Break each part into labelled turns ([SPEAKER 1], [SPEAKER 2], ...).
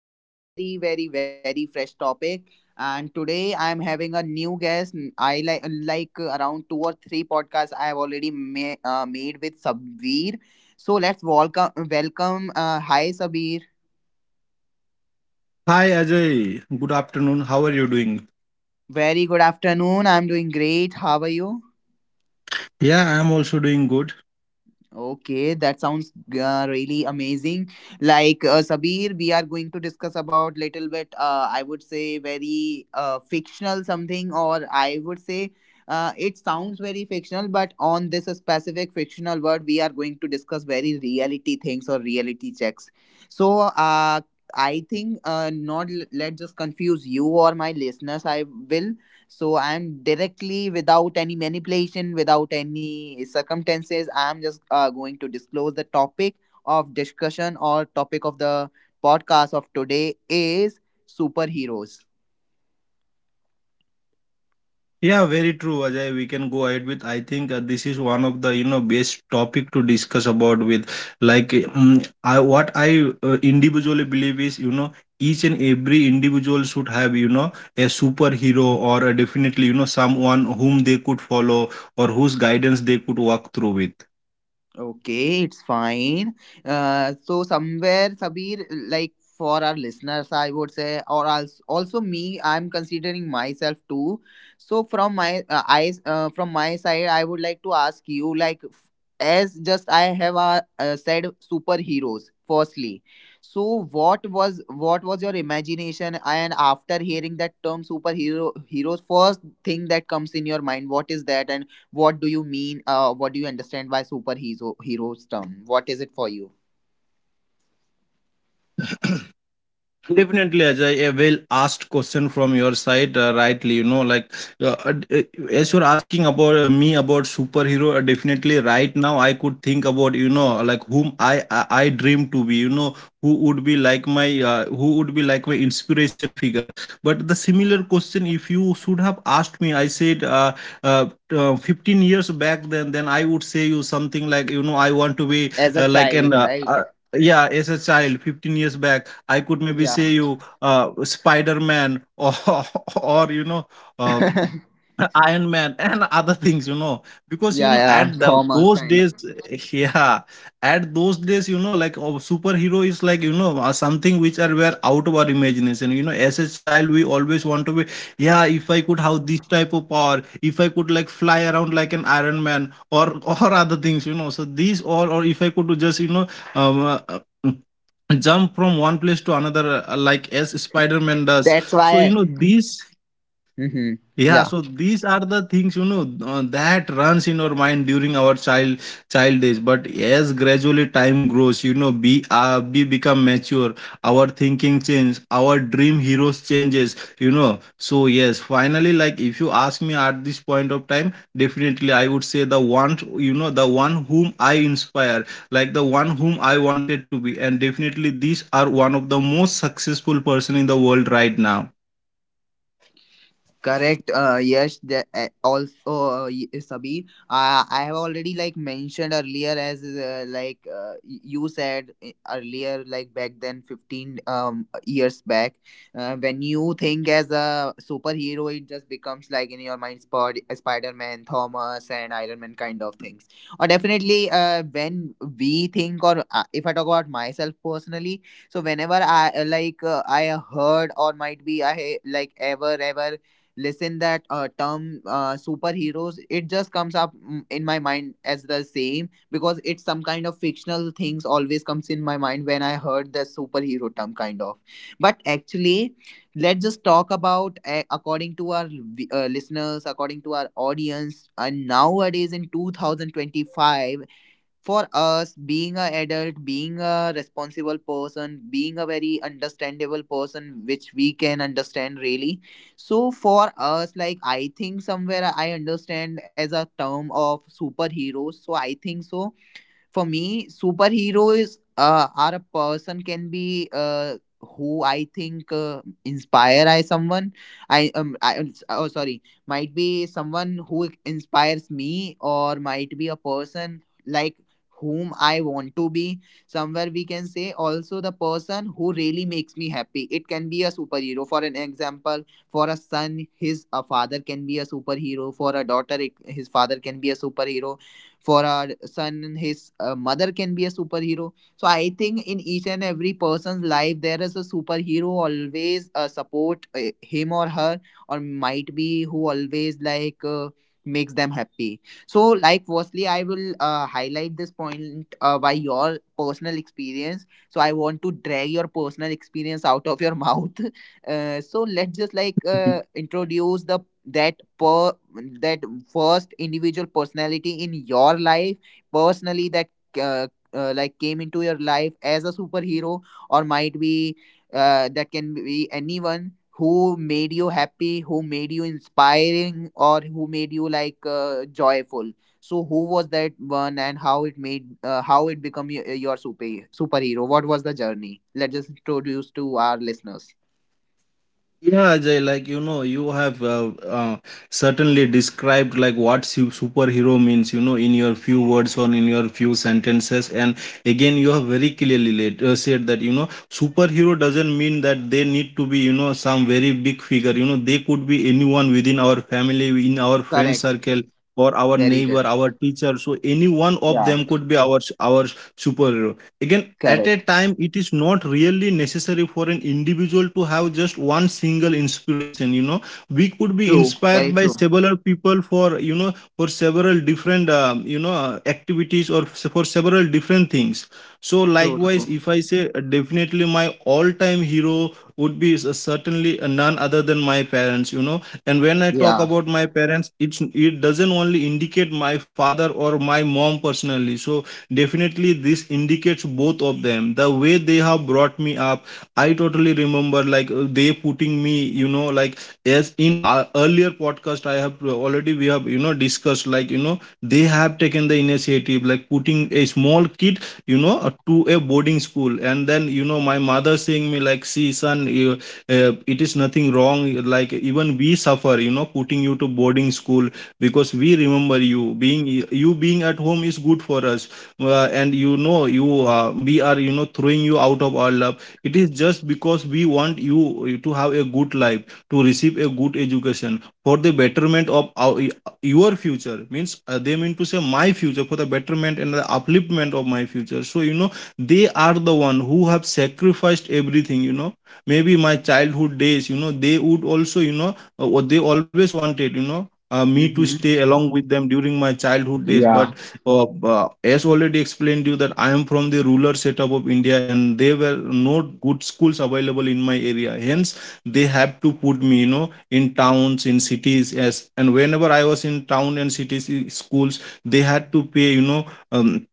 [SPEAKER 1] and with a very, very, very fresh topic. And today I am having a new guest. I like around two or three podcasts I have already made with Sabir. So let's welcome. Hi Sabir.
[SPEAKER 2] Hi Ajay, good afternoon. How are you doing?
[SPEAKER 1] Very good afternoon. I'm doing great. How are you?
[SPEAKER 2] Yeah, I am also doing good.
[SPEAKER 1] Okay, that sounds really amazing. Like Sabir, we are going to discuss about little bit. I would say very fictional something, or I would say, it sounds very fictional. But on this specific fictional word, we are going to discuss very reality things or reality checks. So, I think not l- let just confuse you or my listeners. I will so I'm directly, without any manipulation, without any circumstances, I'm just going to disclose the topic of discussion or topic of the podcast of today is superheroes.
[SPEAKER 2] Yeah, very true, Ajay. We can go ahead with. I think this is one of the you know best topic to discuss about with like um, I what I individually believe is you know each and every individual should have, you know, a superhero or a definitely you know someone whom they could follow or whose guidance they could walk through with.
[SPEAKER 1] Okay, it's fine. So somewhere, Sabir, like for our listeners, I would say, or also me, I'm considering myself too. So from my eyes, from my side, I would like to ask you, like, as just I have said, superheroes. Firstly, so what was your imagination? And after hearing that term superhero, heroes, first thing that comes in your mind, what is that? And what do you mean? What do you understand by superhero heroes term? What is it for you
[SPEAKER 2] Definitely, Ajay, a well asked question from your side, rightly. You know, like uh, uh, as you're asking about me about superhero, definitely right now I could think about you know like whom I dream to be. You know, who would be like my inspiration figure. But the similar question, if you should have asked me, I said uh, 15 years back, then I would say you something like you know I want to be
[SPEAKER 1] as a
[SPEAKER 2] like an
[SPEAKER 1] child, right?
[SPEAKER 2] yeah, as a child 15 years back I could maybe
[SPEAKER 1] Yeah,
[SPEAKER 2] say you Spider Man or or you know uh,
[SPEAKER 1] yeah,
[SPEAKER 2] Iron Man and other things, you know, because you know
[SPEAKER 1] yeah.
[SPEAKER 2] at
[SPEAKER 1] Thomas
[SPEAKER 2] those
[SPEAKER 1] kind
[SPEAKER 2] days,
[SPEAKER 1] of.
[SPEAKER 2] yeah, at those days, you know, like oh, superhero is like you know something which are were out of our imagination. You know, as a child, we always want to be, yeah, if I could have this type of power, if I could like fly around like an Iron Man or or other things, you know. So these all, or if I could do just you know, um, uh, jump from one place to another like as spider-man does,
[SPEAKER 1] That's
[SPEAKER 2] so you
[SPEAKER 1] why.
[SPEAKER 2] know these
[SPEAKER 1] Hmm.
[SPEAKER 2] yeah,
[SPEAKER 1] Yeah.
[SPEAKER 2] so these are the things you know that runs in our mind during our child days. But as gradually time grows, you know, we become mature. Our thinking changes. Our dream heroes changes. You know, so yes, finally, like if you ask me at this point of time, definitely I would say the one you know the one whom I inspire, like the one whom I wanted to be, and definitely these are one of the most successful person in the world right now.
[SPEAKER 1] Correct. Yes. Sabir, I have already like mentioned earlier, as you said earlier, like back then, 15 years back, when you think as a superhero, it just becomes like in your mind, Spider Man, Thomas, and Iron Man kind of things. Or definitely, when we think, or if I talk about myself personally, so whenever I heard or might be i like ever listen that term superheroes, it just comes up in my mind as the same, because it's some kind of fictional things always comes in my mind when I heard the superhero term kind of, but actually let's just talk about according to our listeners, according to our audience, and nowadays in 2025, for us being a adult, being a responsible person, being a very understandable person, which we can understand really. So for us, like I think somewhere I understand as a term of superheroes, so I think so for me, superheroes are a person, can be who I think inspire I someone. I oh sorry, might be someone who inspires me, or might be a person like whom I want to be. Somewhere we can say also the person who really makes me happy. It can be a superhero. For an example, for a son, his a father can be a superhero. For a daughter it, his father can be a superhero. For our son, his mother can be a superhero. So I think in each and every person's life there is a superhero always support him or her, or might be who always like makes them happy. So, like, firstly I will highlight this point by your personal experience, so I want to drag your personal experience out of your mouth. So let's just like introduce the that per that first individual personality in your life personally, that uh, like came into your life as a superhero, or might be that can be anyone who made you happy, who made you inspiring, or who made you like joyful. So who was that one, and how it made how it become your superhero, what was the journey? Let's just introduce to our listeners.
[SPEAKER 2] Yeah, Ajay, like you know, you have certainly described like what superhero means, you know, in your few words or in your few sentences. And again, you have very clearly said that, you know, superhero doesn't mean that they need to be, you know, some very big figure. You know, they could be anyone within our family, in our friend
[SPEAKER 1] Correct.
[SPEAKER 2] circle, or our
[SPEAKER 1] Very
[SPEAKER 2] neighbor,
[SPEAKER 1] correct.
[SPEAKER 2] our teacher. So any one of
[SPEAKER 1] Yeah.
[SPEAKER 2] them could be our superhero. Again, at a
[SPEAKER 1] Correct.
[SPEAKER 2] time, it is not really necessary for an individual to have just one single inspiration. You know, we could be
[SPEAKER 1] True.
[SPEAKER 2] inspired
[SPEAKER 1] Very
[SPEAKER 2] by
[SPEAKER 1] true.
[SPEAKER 2] several people for you know for several different you know activities or for several different things. So,
[SPEAKER 1] True.
[SPEAKER 2] likewise,
[SPEAKER 1] True.
[SPEAKER 2] if I say definitely my all-time hero would be certainly none other than my parents. You know, and when I talk
[SPEAKER 1] Yeah.
[SPEAKER 2] about my parents, it doesn't only indicate my father or my mom personally. So definitely this indicates both of them, the way they have brought me up. I totally remember like they putting me, you know, like as in our earlier podcast I have already we have you know discussed like you know they have taken the initiative like putting a small kid, you know, to a boarding school, and then you know my mother saying me like, see son, it is nothing wrong. Like even we suffer, you know, putting you to boarding school, because we remember you being, at home is good for us, and you know you we are, you know, throwing you out of our love. It is just because we want you to have a good life, to receive a good education, for the betterment of your future. Means, they mean to say my future, for the betterment and the upliftment of my future. So you know they are the one who have sacrificed everything. You know, maybe my childhood days, you know, they would also you know what they always wanted, you know, me to
[SPEAKER 1] Mm-hmm.
[SPEAKER 2] stay along with them during my childhood days,
[SPEAKER 1] Yeah.
[SPEAKER 2] but as already explained you that I am from the rural setup of India and there were no good schools available in my area. Hence, they have to put me, you know, in towns, in cities. As and whenever I was in town and cities schools, they had to pay, you know, um,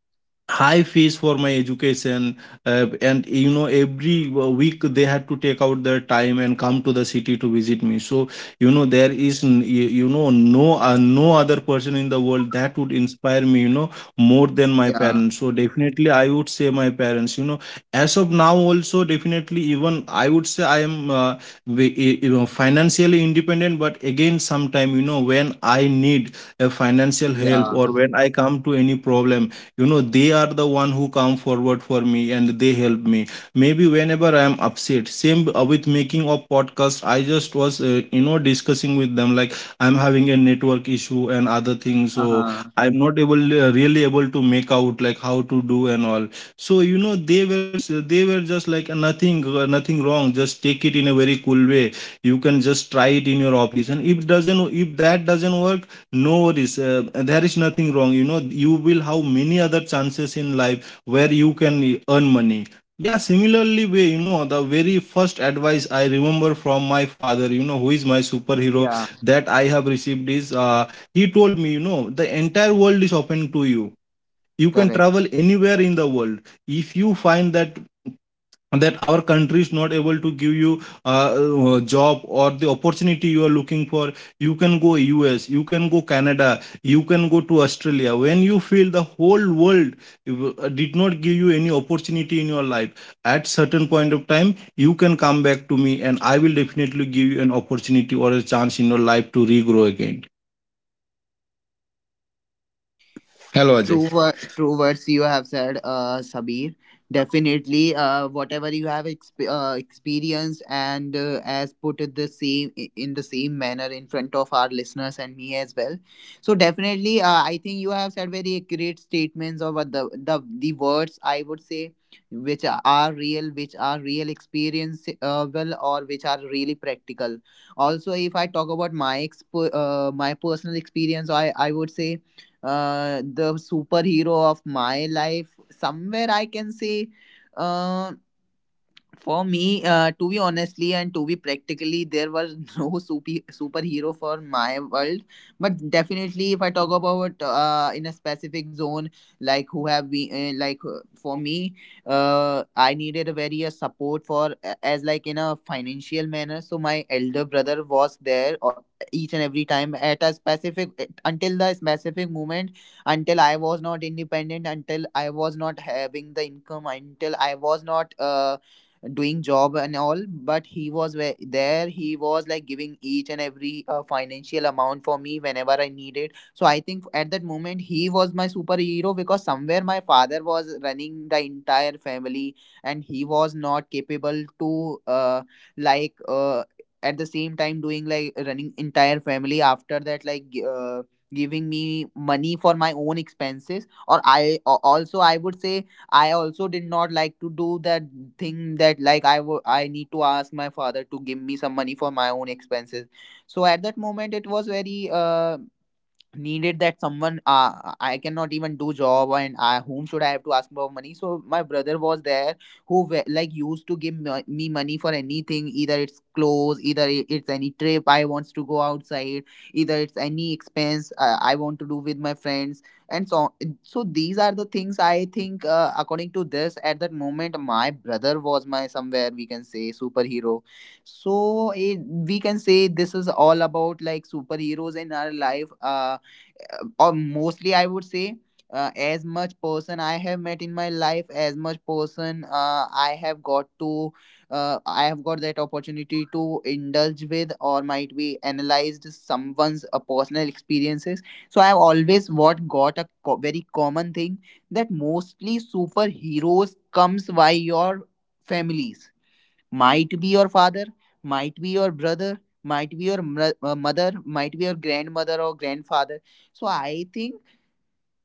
[SPEAKER 2] high fees for my education, and you know every week they had to take out their time and come to the city to visit me. So you know there is you know no no other person in the world that would inspire me, you know, more than my
[SPEAKER 1] Yeah.
[SPEAKER 2] parents. So definitely I would say my parents, you know, as of now also. Definitely, even I would say I am you know financially independent, but again sometime you know when I need a financial
[SPEAKER 1] Yeah.
[SPEAKER 2] help or when I come to any problem, you know they are the one who come forward for me and they help me. Maybe whenever I am upset, same with making of podcast, I just was you know discussing with them like I'm having a network issue and other things,
[SPEAKER 1] Uh
[SPEAKER 2] so
[SPEAKER 1] huh.
[SPEAKER 2] I'm not able, really able to make out like how to do and all. So you know they were just like, nothing nothing wrong, just take it in a very cool way. You can just try it in your office, and if that doesn't work, no worries, there is nothing wrong. You know, you will have many other chances in life where you can earn money. Yeah, similarly way, you know, the very first advice I remember from my father, you know, who is my superhero,
[SPEAKER 1] Yeah.
[SPEAKER 2] that I have received, is he told me, you know, the entire world is open to you. You can
[SPEAKER 1] Correct.
[SPEAKER 2] travel anywhere in the world. If you find that our country is not able to give you job or the opportunity you are looking for, you can go US, you can go Canada, you can go to Australia. When you feel the whole world did not give you any opportunity in your life, at certain point of time you can come back to me and I will definitely give you an opportunity or a chance in your life to regrow again. Hello Ajay.
[SPEAKER 1] True words you have said, Sabir. Definitely, whatever you have experienced and as put it the same in the same manner in front of our listeners and me as well. So definitely, I think you have said very accurate statements of what the words I would say, which are real experience, well, or which are really practical. Also, if I talk about my my personal experience, I would say the superhero of my life somewhere I can say uh, for me, to be honestly and to be practically, there was no superhero for my world. But definitely, if I talk about in a specific zone, like who have we for me, I needed a very support for as like in a financial manner. So my elder brother was there each and every time at a specific, until the specific moment, until I was not independent, until I was not having the income, until I was not, doing job and all, but he was where, there he was like giving each and every financial amount for me whenever I needed. So I think at that moment he was my superhero, because somewhere my father was running the entire family, and he was not capable to like uh, at the same time doing like running entire family, after that like giving me money for my own expenses. Or also I would say I also did not like to do that thing, that like I need to ask my father to give me some money for my own expenses. So at that moment it was very needed that someone I cannot even do job, and I, whom should I have to ask for money, so my brother was there who like used to give me money for anything, either it's clothes, either it's any trip I wants to go outside, either it's any expense I want to do with my friends, and so these are the things I think, according to this, at that moment my brother was my, somewhere we can say, superhero. So we can say this is all about like superheroes in our life. Or mostly I would say as much person I have met in my life, as much person I have got to I have got that opportunity to indulge with, or might be analyzed someone's personal experiences. So I have always what got a very common thing, that mostly superheroes comes by your families, might be your father, might be your brother, might be your mother, might be your grandmother or grandfather. So I think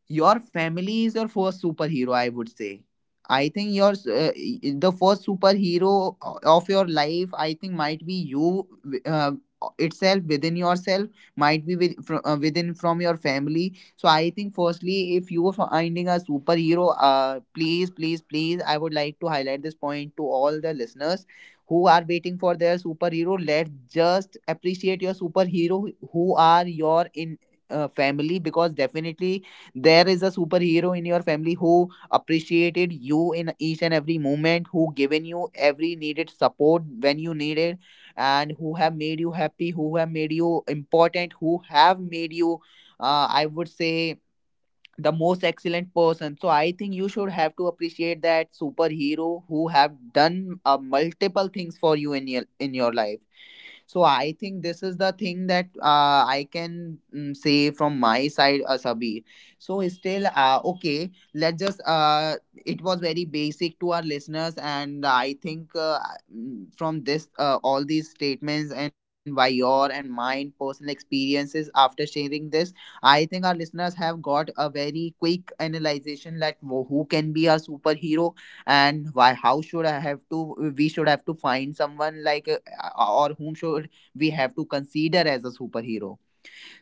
[SPEAKER 1] your family is your first superhero, I would say. I think the first superhero of your life, I think, might be itself within yourself, might be within from your family. So I think, firstly, if you are finding a superhero, please, please, please, I would like to highlight this point to all the listeners who are waiting for their superhero. Let's just appreciate your superhero who are your in family, because definitely there is a superhero in your family who appreciated you in each and every moment, who given you every needed support when you needed, and who have made you happy, who have made you important, who have made you I would say the most excellent person. So I think you should have to appreciate that superhero who have done multiple things for you in your life. So I think this is the thing that I can say from my side, Asabi. So still, okay, let's just, it was very basic to our listeners, and I think from this, all these statements and by your and mine personal experiences, after sharing this, I think our listeners have got a very quick analyzation that who can be our superhero, and why how should I have to we should have to find someone like or whom should we have to consider as a superhero.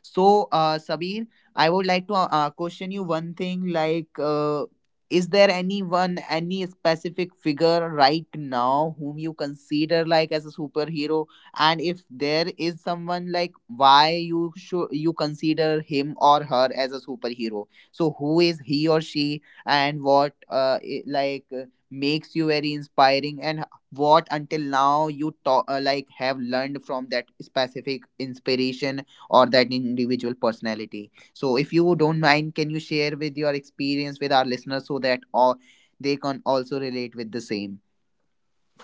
[SPEAKER 1] So, Sabir, I would like to question you one thing, like, is there anyone, any specific figure right now whom you consider like as a superhero? And if there is someone like, why you should you consider him or her as a superhero? So, who is he or she, and what makes you very inspiring, and what until now you have learned from that specific inspiration or that individual personality. So, if you don't mind, can you share with your experience with our listeners so that all they can also relate with the same?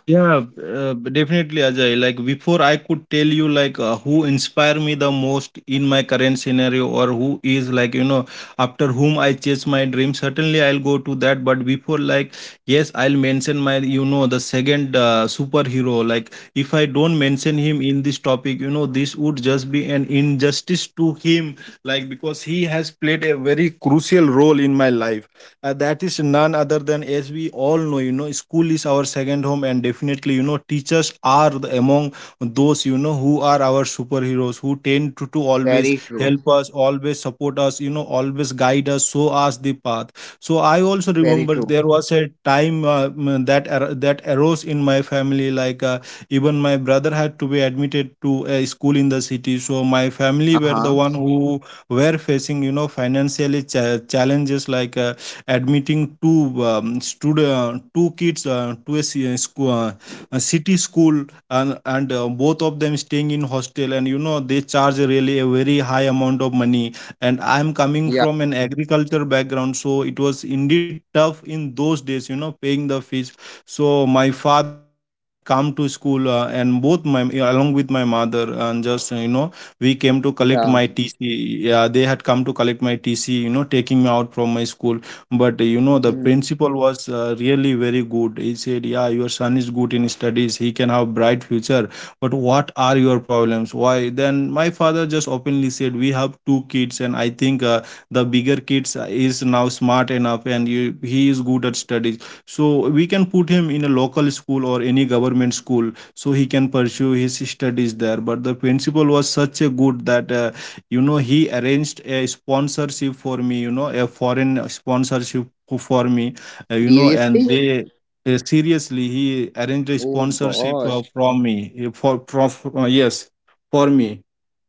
[SPEAKER 2] Yeah, definitely, Ajay. Like before, I could tell you like who inspire me the most in my current scenario, or who is like you know after whom I chase my dream. Certainly, I'll go to that. But before, like yes, I'll mention my, you know, the second superhero. Like if I don't mention him in this topic, you know this would just be an injustice to him. Like because he has played a very crucial role in my life, that is none other than, as we all know, you know, school is our second home, and definitely you know teachers are the, among those you know who are our superheroes, who tend to always
[SPEAKER 1] Very true.
[SPEAKER 2] help us, always support us, you know, always guide us, show us the path. So I also
[SPEAKER 1] Very
[SPEAKER 2] remember
[SPEAKER 1] true.
[SPEAKER 2] there was a time that arose in my family, like even my brother had to be admitted to a school in the city. So my
[SPEAKER 1] Uh
[SPEAKER 2] family were the
[SPEAKER 1] huh.
[SPEAKER 2] one who were facing, you know, financially challenges, like admitting two kids to a city school, and both of them staying in hostel. And you know they charge really a very high amount of money, and I am coming
[SPEAKER 1] Yeah.
[SPEAKER 2] from an agriculture background, so it was indeed tough in those days, you know, paying the fees. So my father had come to school, and both my along with my mother, and just you know we came to collect
[SPEAKER 1] Yeah.
[SPEAKER 2] my TC. Yeah, they had come to collect my TC, you know, taking me out from my school. But you know the
[SPEAKER 1] Mhm.
[SPEAKER 2] principal was really very good. He said, yeah, your son is good in studies, he can have bright future, but what are your problems? Why? Then my father just openly said, we have two kids, and I think the bigger kids is now smart enough and he is good at studies, so we can put him in a local school or any government school so he can pursue his studies there. But the principal was such a good that you know, he arranged a sponsorship for me, you know, a foreign sponsorship for me. You know, and
[SPEAKER 1] Seriously?
[SPEAKER 2] they seriously, he arranged a
[SPEAKER 1] Oh
[SPEAKER 2] sponsorship
[SPEAKER 1] gosh.
[SPEAKER 2] from me, for from yes for me.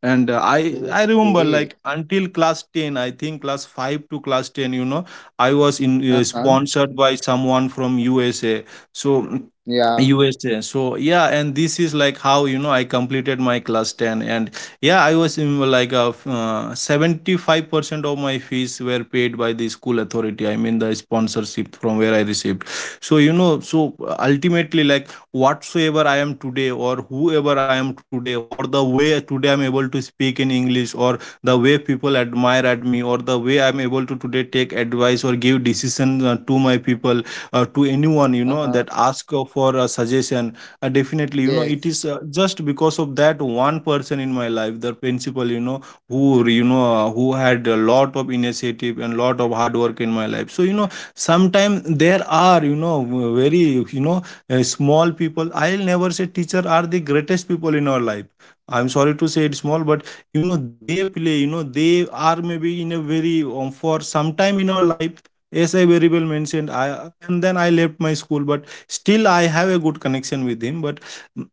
[SPEAKER 2] And I remember,
[SPEAKER 1] Okay.
[SPEAKER 2] like, until class 10, I think class 5 to class 10, you know, I was in
[SPEAKER 1] Uh huh.
[SPEAKER 2] sponsored by someone from usa, so
[SPEAKER 1] Yeah.
[SPEAKER 2] USA. So yeah, and this is like how, you know, I completed my class 10. And yeah, I was in like a 75% of my fees were paid by the school authority. I mean, the sponsorship from where I received. So, you know, so ultimately, like whatsoever I am today, or whoever I am today, or the way today I'm able to speak in English, or the way people admire at me, or the way I'm able to today take advice or give decision to my people, to anyone, you
[SPEAKER 1] Uh
[SPEAKER 2] know,
[SPEAKER 1] huh.
[SPEAKER 2] that ask for a suggestion, definitely, you know, it
[SPEAKER 1] Yes.
[SPEAKER 2] is just because of that one person in my life, the principal, you know, who, you know, who had a lot of initiative and lot of hard work in my life. So you know, sometimes there are, you know, very, you know, small people. I'll never say teacher are the greatest people in our life. I'm sorry to say it small, but you know they play. You know they are maybe in a very for some time in our life. As I very well mentioned, I and then I left my school, but still I have a good connection with him, but mm,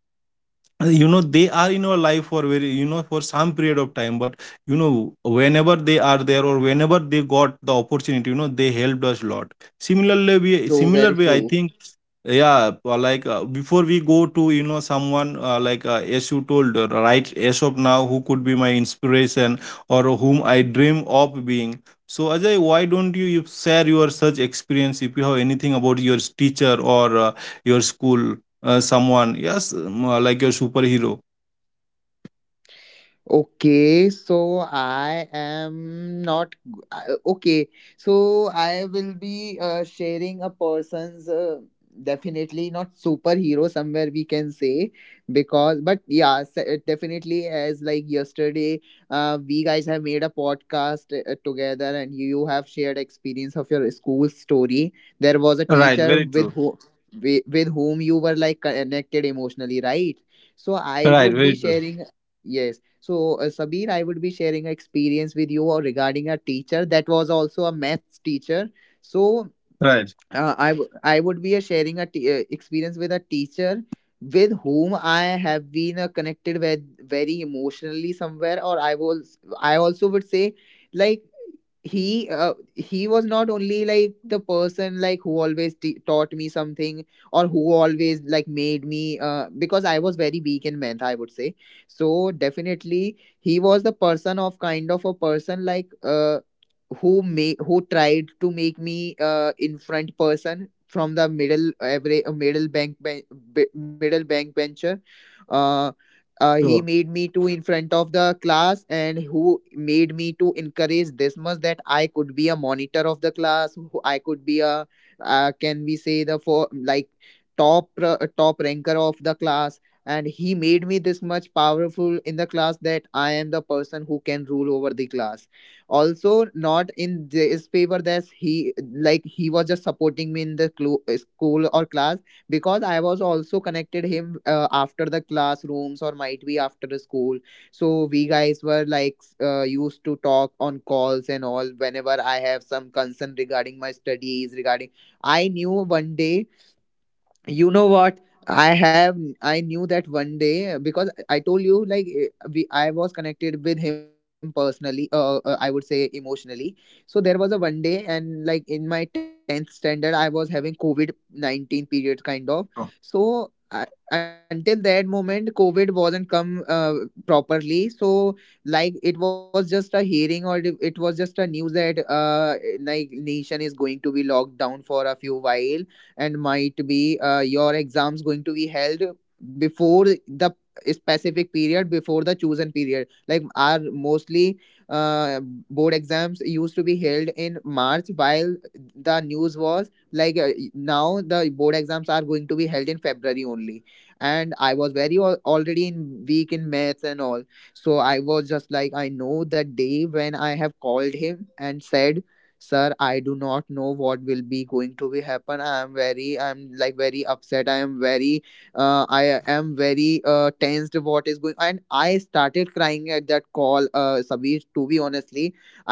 [SPEAKER 2] you know they are in our life for very, you know, for some period of time. But you know, whenever they are there or whenever they got the opportunity, you know, they helped us a lot. Similarly, we,
[SPEAKER 1] True.
[SPEAKER 2] similar
[SPEAKER 1] Very
[SPEAKER 2] way, I
[SPEAKER 1] true.
[SPEAKER 2] think, yeah, like before we go to, you know, someone like, as you told, right, as of now, who could be my inspiration or whom I dream of being? So Ajay, why don't you, you share your such experience if you have anything about your teacher, or your school, someone, yes, like your superhero.
[SPEAKER 1] Okay, so I am not g- I- okay. So I will be sharing a person's definitely not superhero, somewhere we can say, because but definitely, as like yesterday we guys have made a podcast together and you have shared experience of your school story. There was a
[SPEAKER 2] Right,
[SPEAKER 1] teacher
[SPEAKER 2] very
[SPEAKER 1] with
[SPEAKER 2] true.
[SPEAKER 1] with whom you were like connected emotionally, right? So I
[SPEAKER 2] Right,
[SPEAKER 1] would be
[SPEAKER 2] very true.
[SPEAKER 1] sharing yes. So, Sabir, I would be sharing an experience with you regarding a teacher that was also a maths teacher. So,
[SPEAKER 2] Right.
[SPEAKER 1] I would be sharing a experience with a teacher with whom I have been connected with very emotionally somewhere, or I also would say, like, he was not only like the person like who always taught me something, or who always like made me because I was very weak in math, I would say. So definitely he was the person, of kind of a person like, who made, who tried to make me in front person from the middle, every middle middle bank bencher. uh,
[SPEAKER 2] Sure.
[SPEAKER 1] he made me to in front of the class, and who made me to encourage this much that I could be a monitor of the class, who I could be a can we say the for like top top ranker of the class. And he made me this much powerful in the class that I am the person who can rule over the class. Also not in this favor, that he, like, he was just supporting me in the school or class, because I was also connected him after the classrooms, or might be after the school. So we guys were like used to talk on calls and all whenever I have some concern regarding my studies, regarding, I knew, one day, you know what, I knew that one day, because I told you, like, eh, we I was connected with him personally, I would say emotionally. So there was a one day, and like in my 10th standard I was having covid COVID-19 period kind of. So I, until that moment covid wasn't come properly. So, like, it was just a hearing, or it was just a news that like nation is going to be locked down for a few while, and might be your exams going to be held before the specific period, before the chosen period. Like, our mostly uh, board exams used to be held in March, while the news was like now the board exams are going to be held in February only. And I was very already in weak in maths and all. So I was just like, I know the day when I have called him and said, sir, I do not know what will be going to be happen, I am very, I'm like very upset, I am very I am very tensed what is going, and I started crying at that call, Sabir, to be honestly.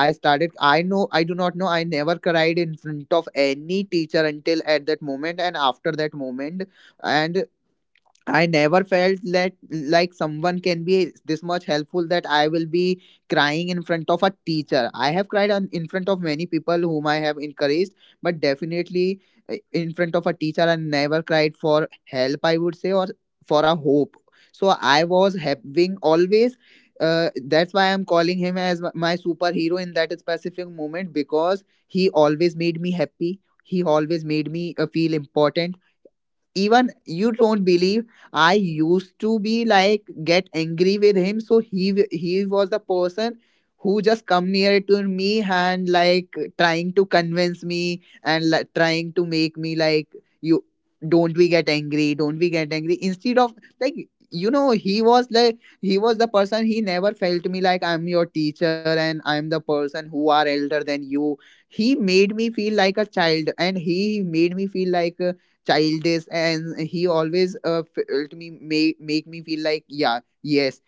[SPEAKER 1] I started, I know, I do not know, I never cried in front of any teacher until at that moment and after that moment. And I never felt that like someone can be this much helpful that I will be crying in front of a teacher. I have cried on, in front of many people whom I have encouraged, but definitely in front of a teacher, I never cried for help, I would say, or for a hope. So I was having always. That's why I'm calling him as my superhero in that specific moment, because he always made me happy. He always made me feel important. Even you don't believe, I used to be like get angry with him. So he was the person who just come near to me and like, trying to convince me and like, trying to make me like, you don't we get angry, don't we get angry, instead of, like, you know, he was like, he was the person, he never felt me like, I'm your teacher and I'm the person who are elder than you. He made me feel like a child, and he made me feel like childish, and he always felt me make, make me feel like, yeah, yes,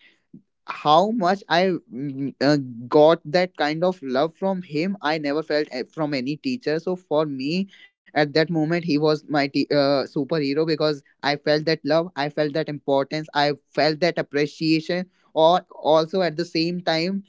[SPEAKER 1] how much I got that kind of love from him. I never felt from any teacher. So for me, at that moment, he was my superhero, because I felt that love, I felt that importance, I felt that appreciation. Or also at the same time,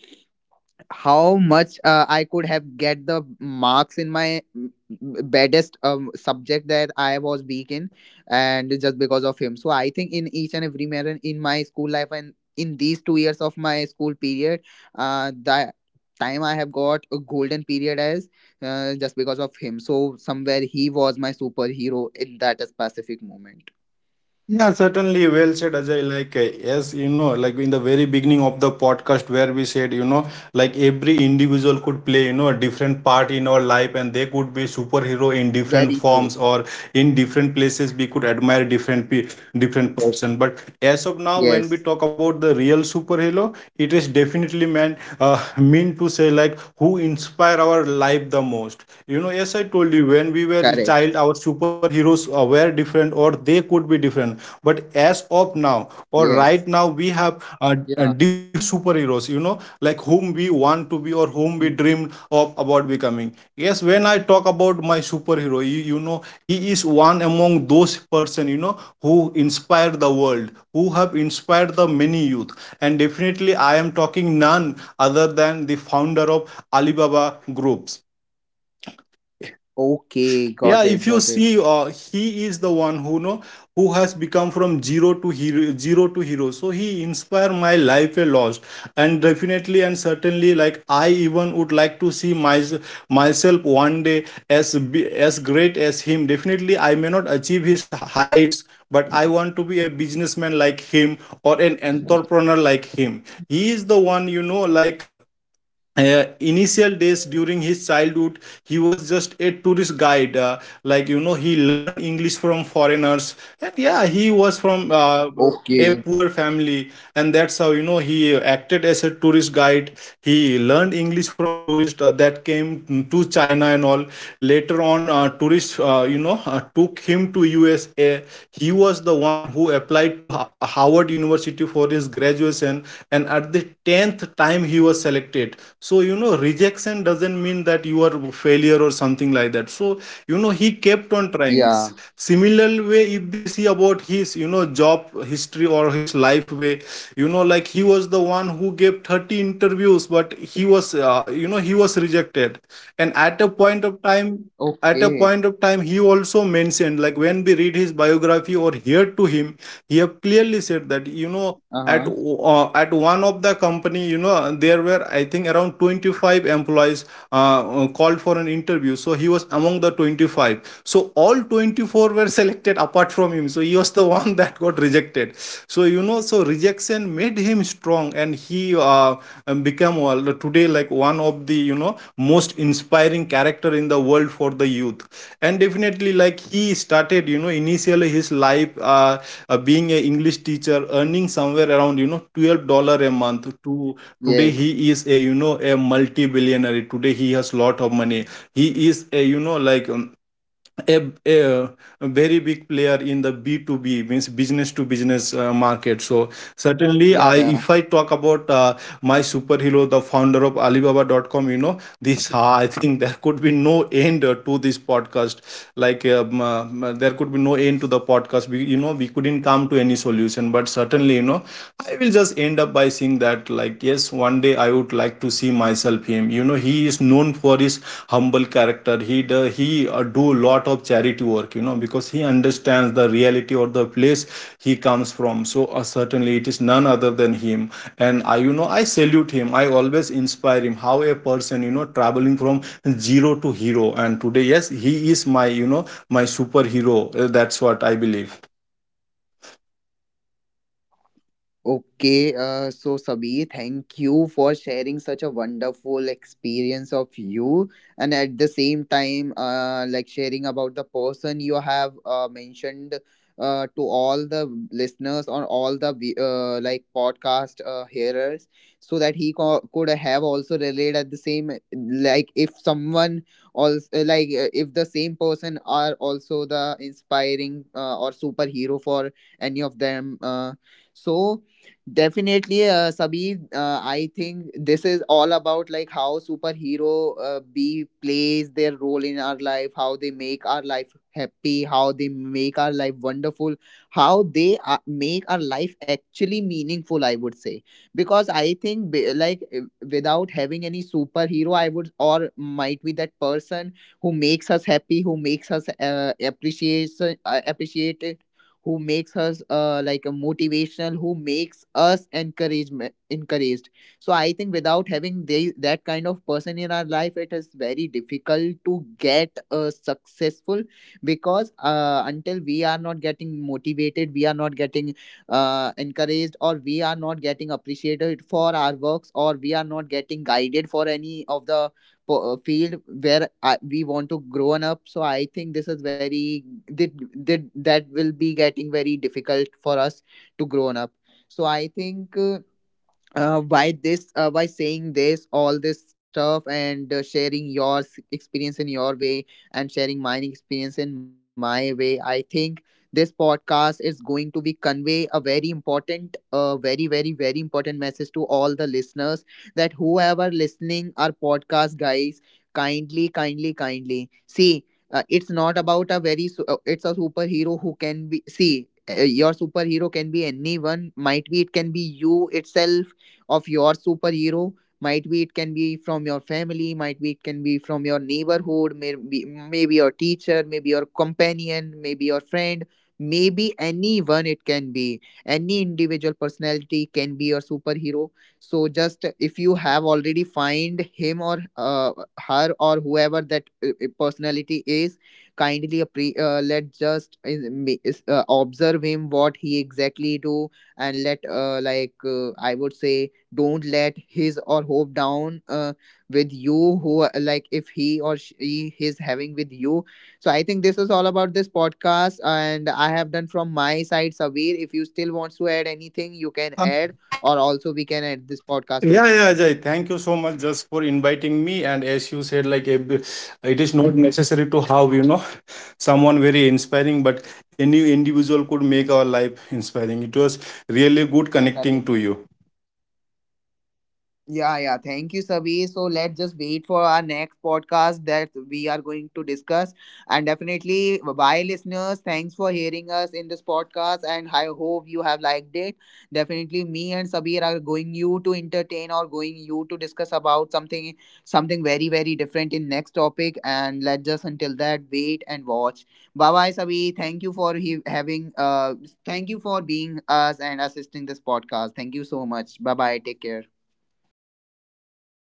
[SPEAKER 1] how much I could have get the marks in my baddest subject that I was weak in, and just because of him. So I think in each and every manner in my school life, and in these 2 years of my school period, the time I have got a golden period as just because of him. So somewhere he was my superhero in that specific moment.
[SPEAKER 2] Yeah, certainly. Well said, Ajay. Like, yes, you know, like in the very beginning of the podcast, where we said, you know, like every individual could play, you know, a different part in our life, and they could be superhero in different
[SPEAKER 1] Very true.
[SPEAKER 2] forms or in different places. We could admire different person. But as of now, when we
[SPEAKER 1] Yes.
[SPEAKER 2] talk about the real superhero, it is definitely meant mean to say like who inspire our life the most. You know, as I told you, when we were a
[SPEAKER 1] Correct.
[SPEAKER 2] child, our superheroes were different or they could be different. But as of now, or right
[SPEAKER 1] Yes.
[SPEAKER 2] now, we have
[SPEAKER 1] Yeah.
[SPEAKER 2] different superheroes, you know, like whom we want to be or whom we
[SPEAKER 1] Mhm.
[SPEAKER 2] dream of about becoming. Yes, when I talk about my superhero, you know, he is one among those person, you know, who inspire the world, who have inspired the many youth. And definitely, I am talking none other than the founder of Alibaba Groups.
[SPEAKER 1] Okay. Got
[SPEAKER 2] Yeah,
[SPEAKER 1] it.
[SPEAKER 2] if you
[SPEAKER 1] Got
[SPEAKER 2] see,
[SPEAKER 1] it.
[SPEAKER 2] he is the one who know, who has become from zero to hero, zero to hero. So he inspired my life a lot. And definitely and certainly, like, I even would like to see myself one day as be as great as him. Definitely I may not achieve his heights, but I want to be a businessman like him or an entrepreneur like him. He is the one, you know, like, initial days during his childhood, he was just a tourist guide. Like, you know, he learned english from foreigners. And yeah, he was from a
[SPEAKER 1] Okay.
[SPEAKER 2] poor family, and that's how, you know, he acted as a tourist guide. He learned english from tourists that came to china and all. Later on, tourists, you know, took him to usa. He was the one who applied to Howard University for his graduation, and at the 10th time he was selected. So, you know, rejection doesn't mean that you are a failure or something like that. So, you know, he kept on trying.
[SPEAKER 1] Yeah.
[SPEAKER 2] Similar way, if we see about his, you know, job history or his life way, you know, like he was the one who gave 30 interviews, but he was, you know, he was rejected. And at a point of time, at a
[SPEAKER 1] Okay.
[SPEAKER 2] point of time he also mentioned, like, when we read his biography or hear to him, he have clearly said that, you know,
[SPEAKER 1] Uh huh.
[SPEAKER 2] at one of the company, you know, there were, I think, around 25 employees called for an interview. So he was among the 25, so all 24 were selected apart from him, so he was the one that got rejected. So you know, so rejection made him strong, and he became, today, like one of the, you know, most inspiring character in the world for the youth. And definitely, like, he started, you know, initially his life being a english teacher, earning somewhere around, you know, $12 a month, to today he
[SPEAKER 1] Yes.
[SPEAKER 2] is a, you know, a multi billionaire. Today he has lot of money. He is a, you know, like, a, a, a very big player in the B2B, means business to business, market. So certainly,
[SPEAKER 1] Yeah.
[SPEAKER 2] I,
[SPEAKER 1] Yeah.
[SPEAKER 2] if I talk about my superhero, the founder of Alibaba.com, you know, this, I think there could be no end to this podcast. Like, there could be no end to the podcast. We, you know, we couldn't come to any solution, but certainly, you know, I will just end up by saying that, like, yes, one day I would like to see myself him. You know, he is known for his humble character. He do lot of charity work. You know, because he understands the reality or the place he comes from. So certainly it is none other than him. And I, you know, I salute him. I always inspire him. How a person, you know, traveling from zero to hero. And today, yes, he is my, you know, my superhero. That's what I believe.
[SPEAKER 1] Okay, so Sabi, thank you for sharing such a wonderful experience of you, and at the same time, like sharing about the person you have mentioned to all the listeners, or all the like podcast hearers, so that he could have also relate at the same, like if someone also, like, if the same person are also the inspiring or superhero for any of them. So definitely, Sabir. I think this is all about like how superhero B plays their role in our life, how they make our life happy, how they make our life wonderful, how they make our life actually meaningful. I would say, because I think without having any superhero, I would, or might be that person who makes us happy, who makes us appreciate, who makes us like a motivational, who makes us encouragement encouraged. So I think without having they, that kind of person in our life, it is very difficult to get successful, because until we are not getting motivated, we are not getting encouraged, or we are not getting appreciated for our works, or we are not getting guided for any of the field where we want to grow on up. So I think this is very that, that will be getting very difficult for us to grow on up. So I think by saying this all this stuff, and sharing your experience in your way, and sharing my experience in my way, I think this podcast is going to be convey a very important very very very important message to all the listeners, that whoever listening our podcast, guys, kindly kindly kindly see, it's not about a it's a superhero who can be see, your superhero can be anyone, might be it can be you itself of your superhero, might be it can be from your family, might be it can be from your neighborhood, maybe, maybe your teacher, maybe your companion, maybe your friend, maybe anyone, it can be any individual personality can be your superhero. So just if you have already find him or her, or whoever that personality is, kindly let just observe him what he exactly do, and let I would say, don't let his or hope down with you who, like if he or she is having with you. So I think this is all about this podcast, and I have done from my side, Savir. If you still wants to add anything, you can add, or also we can add this
[SPEAKER 2] Yeah,
[SPEAKER 1] podcast over
[SPEAKER 2] yeah,
[SPEAKER 1] here.
[SPEAKER 2] Ajay. Thank you so much just for inviting me. And as you said, like, it is not necessary to have, you know, someone very inspiring, but any individual could make our life inspiring. It was really good connecting to
[SPEAKER 1] Correct.
[SPEAKER 2] you.
[SPEAKER 1] Yeah, yeah. Thank you, Sabi. So let's just wait for our next podcast that we are going to discuss. And definitely, bye, listeners. Thanks for hearing us in this podcast. And I hope you have liked it. Definitely, me and Sabir are going you to entertain, or going you to discuss about something, something very very different in next topic. And let's just until that wait and watch. Bye, bye, Sabi. Thank you for having thank you for being us and assisting this podcast. Thank you so much. Bye, bye. Take care.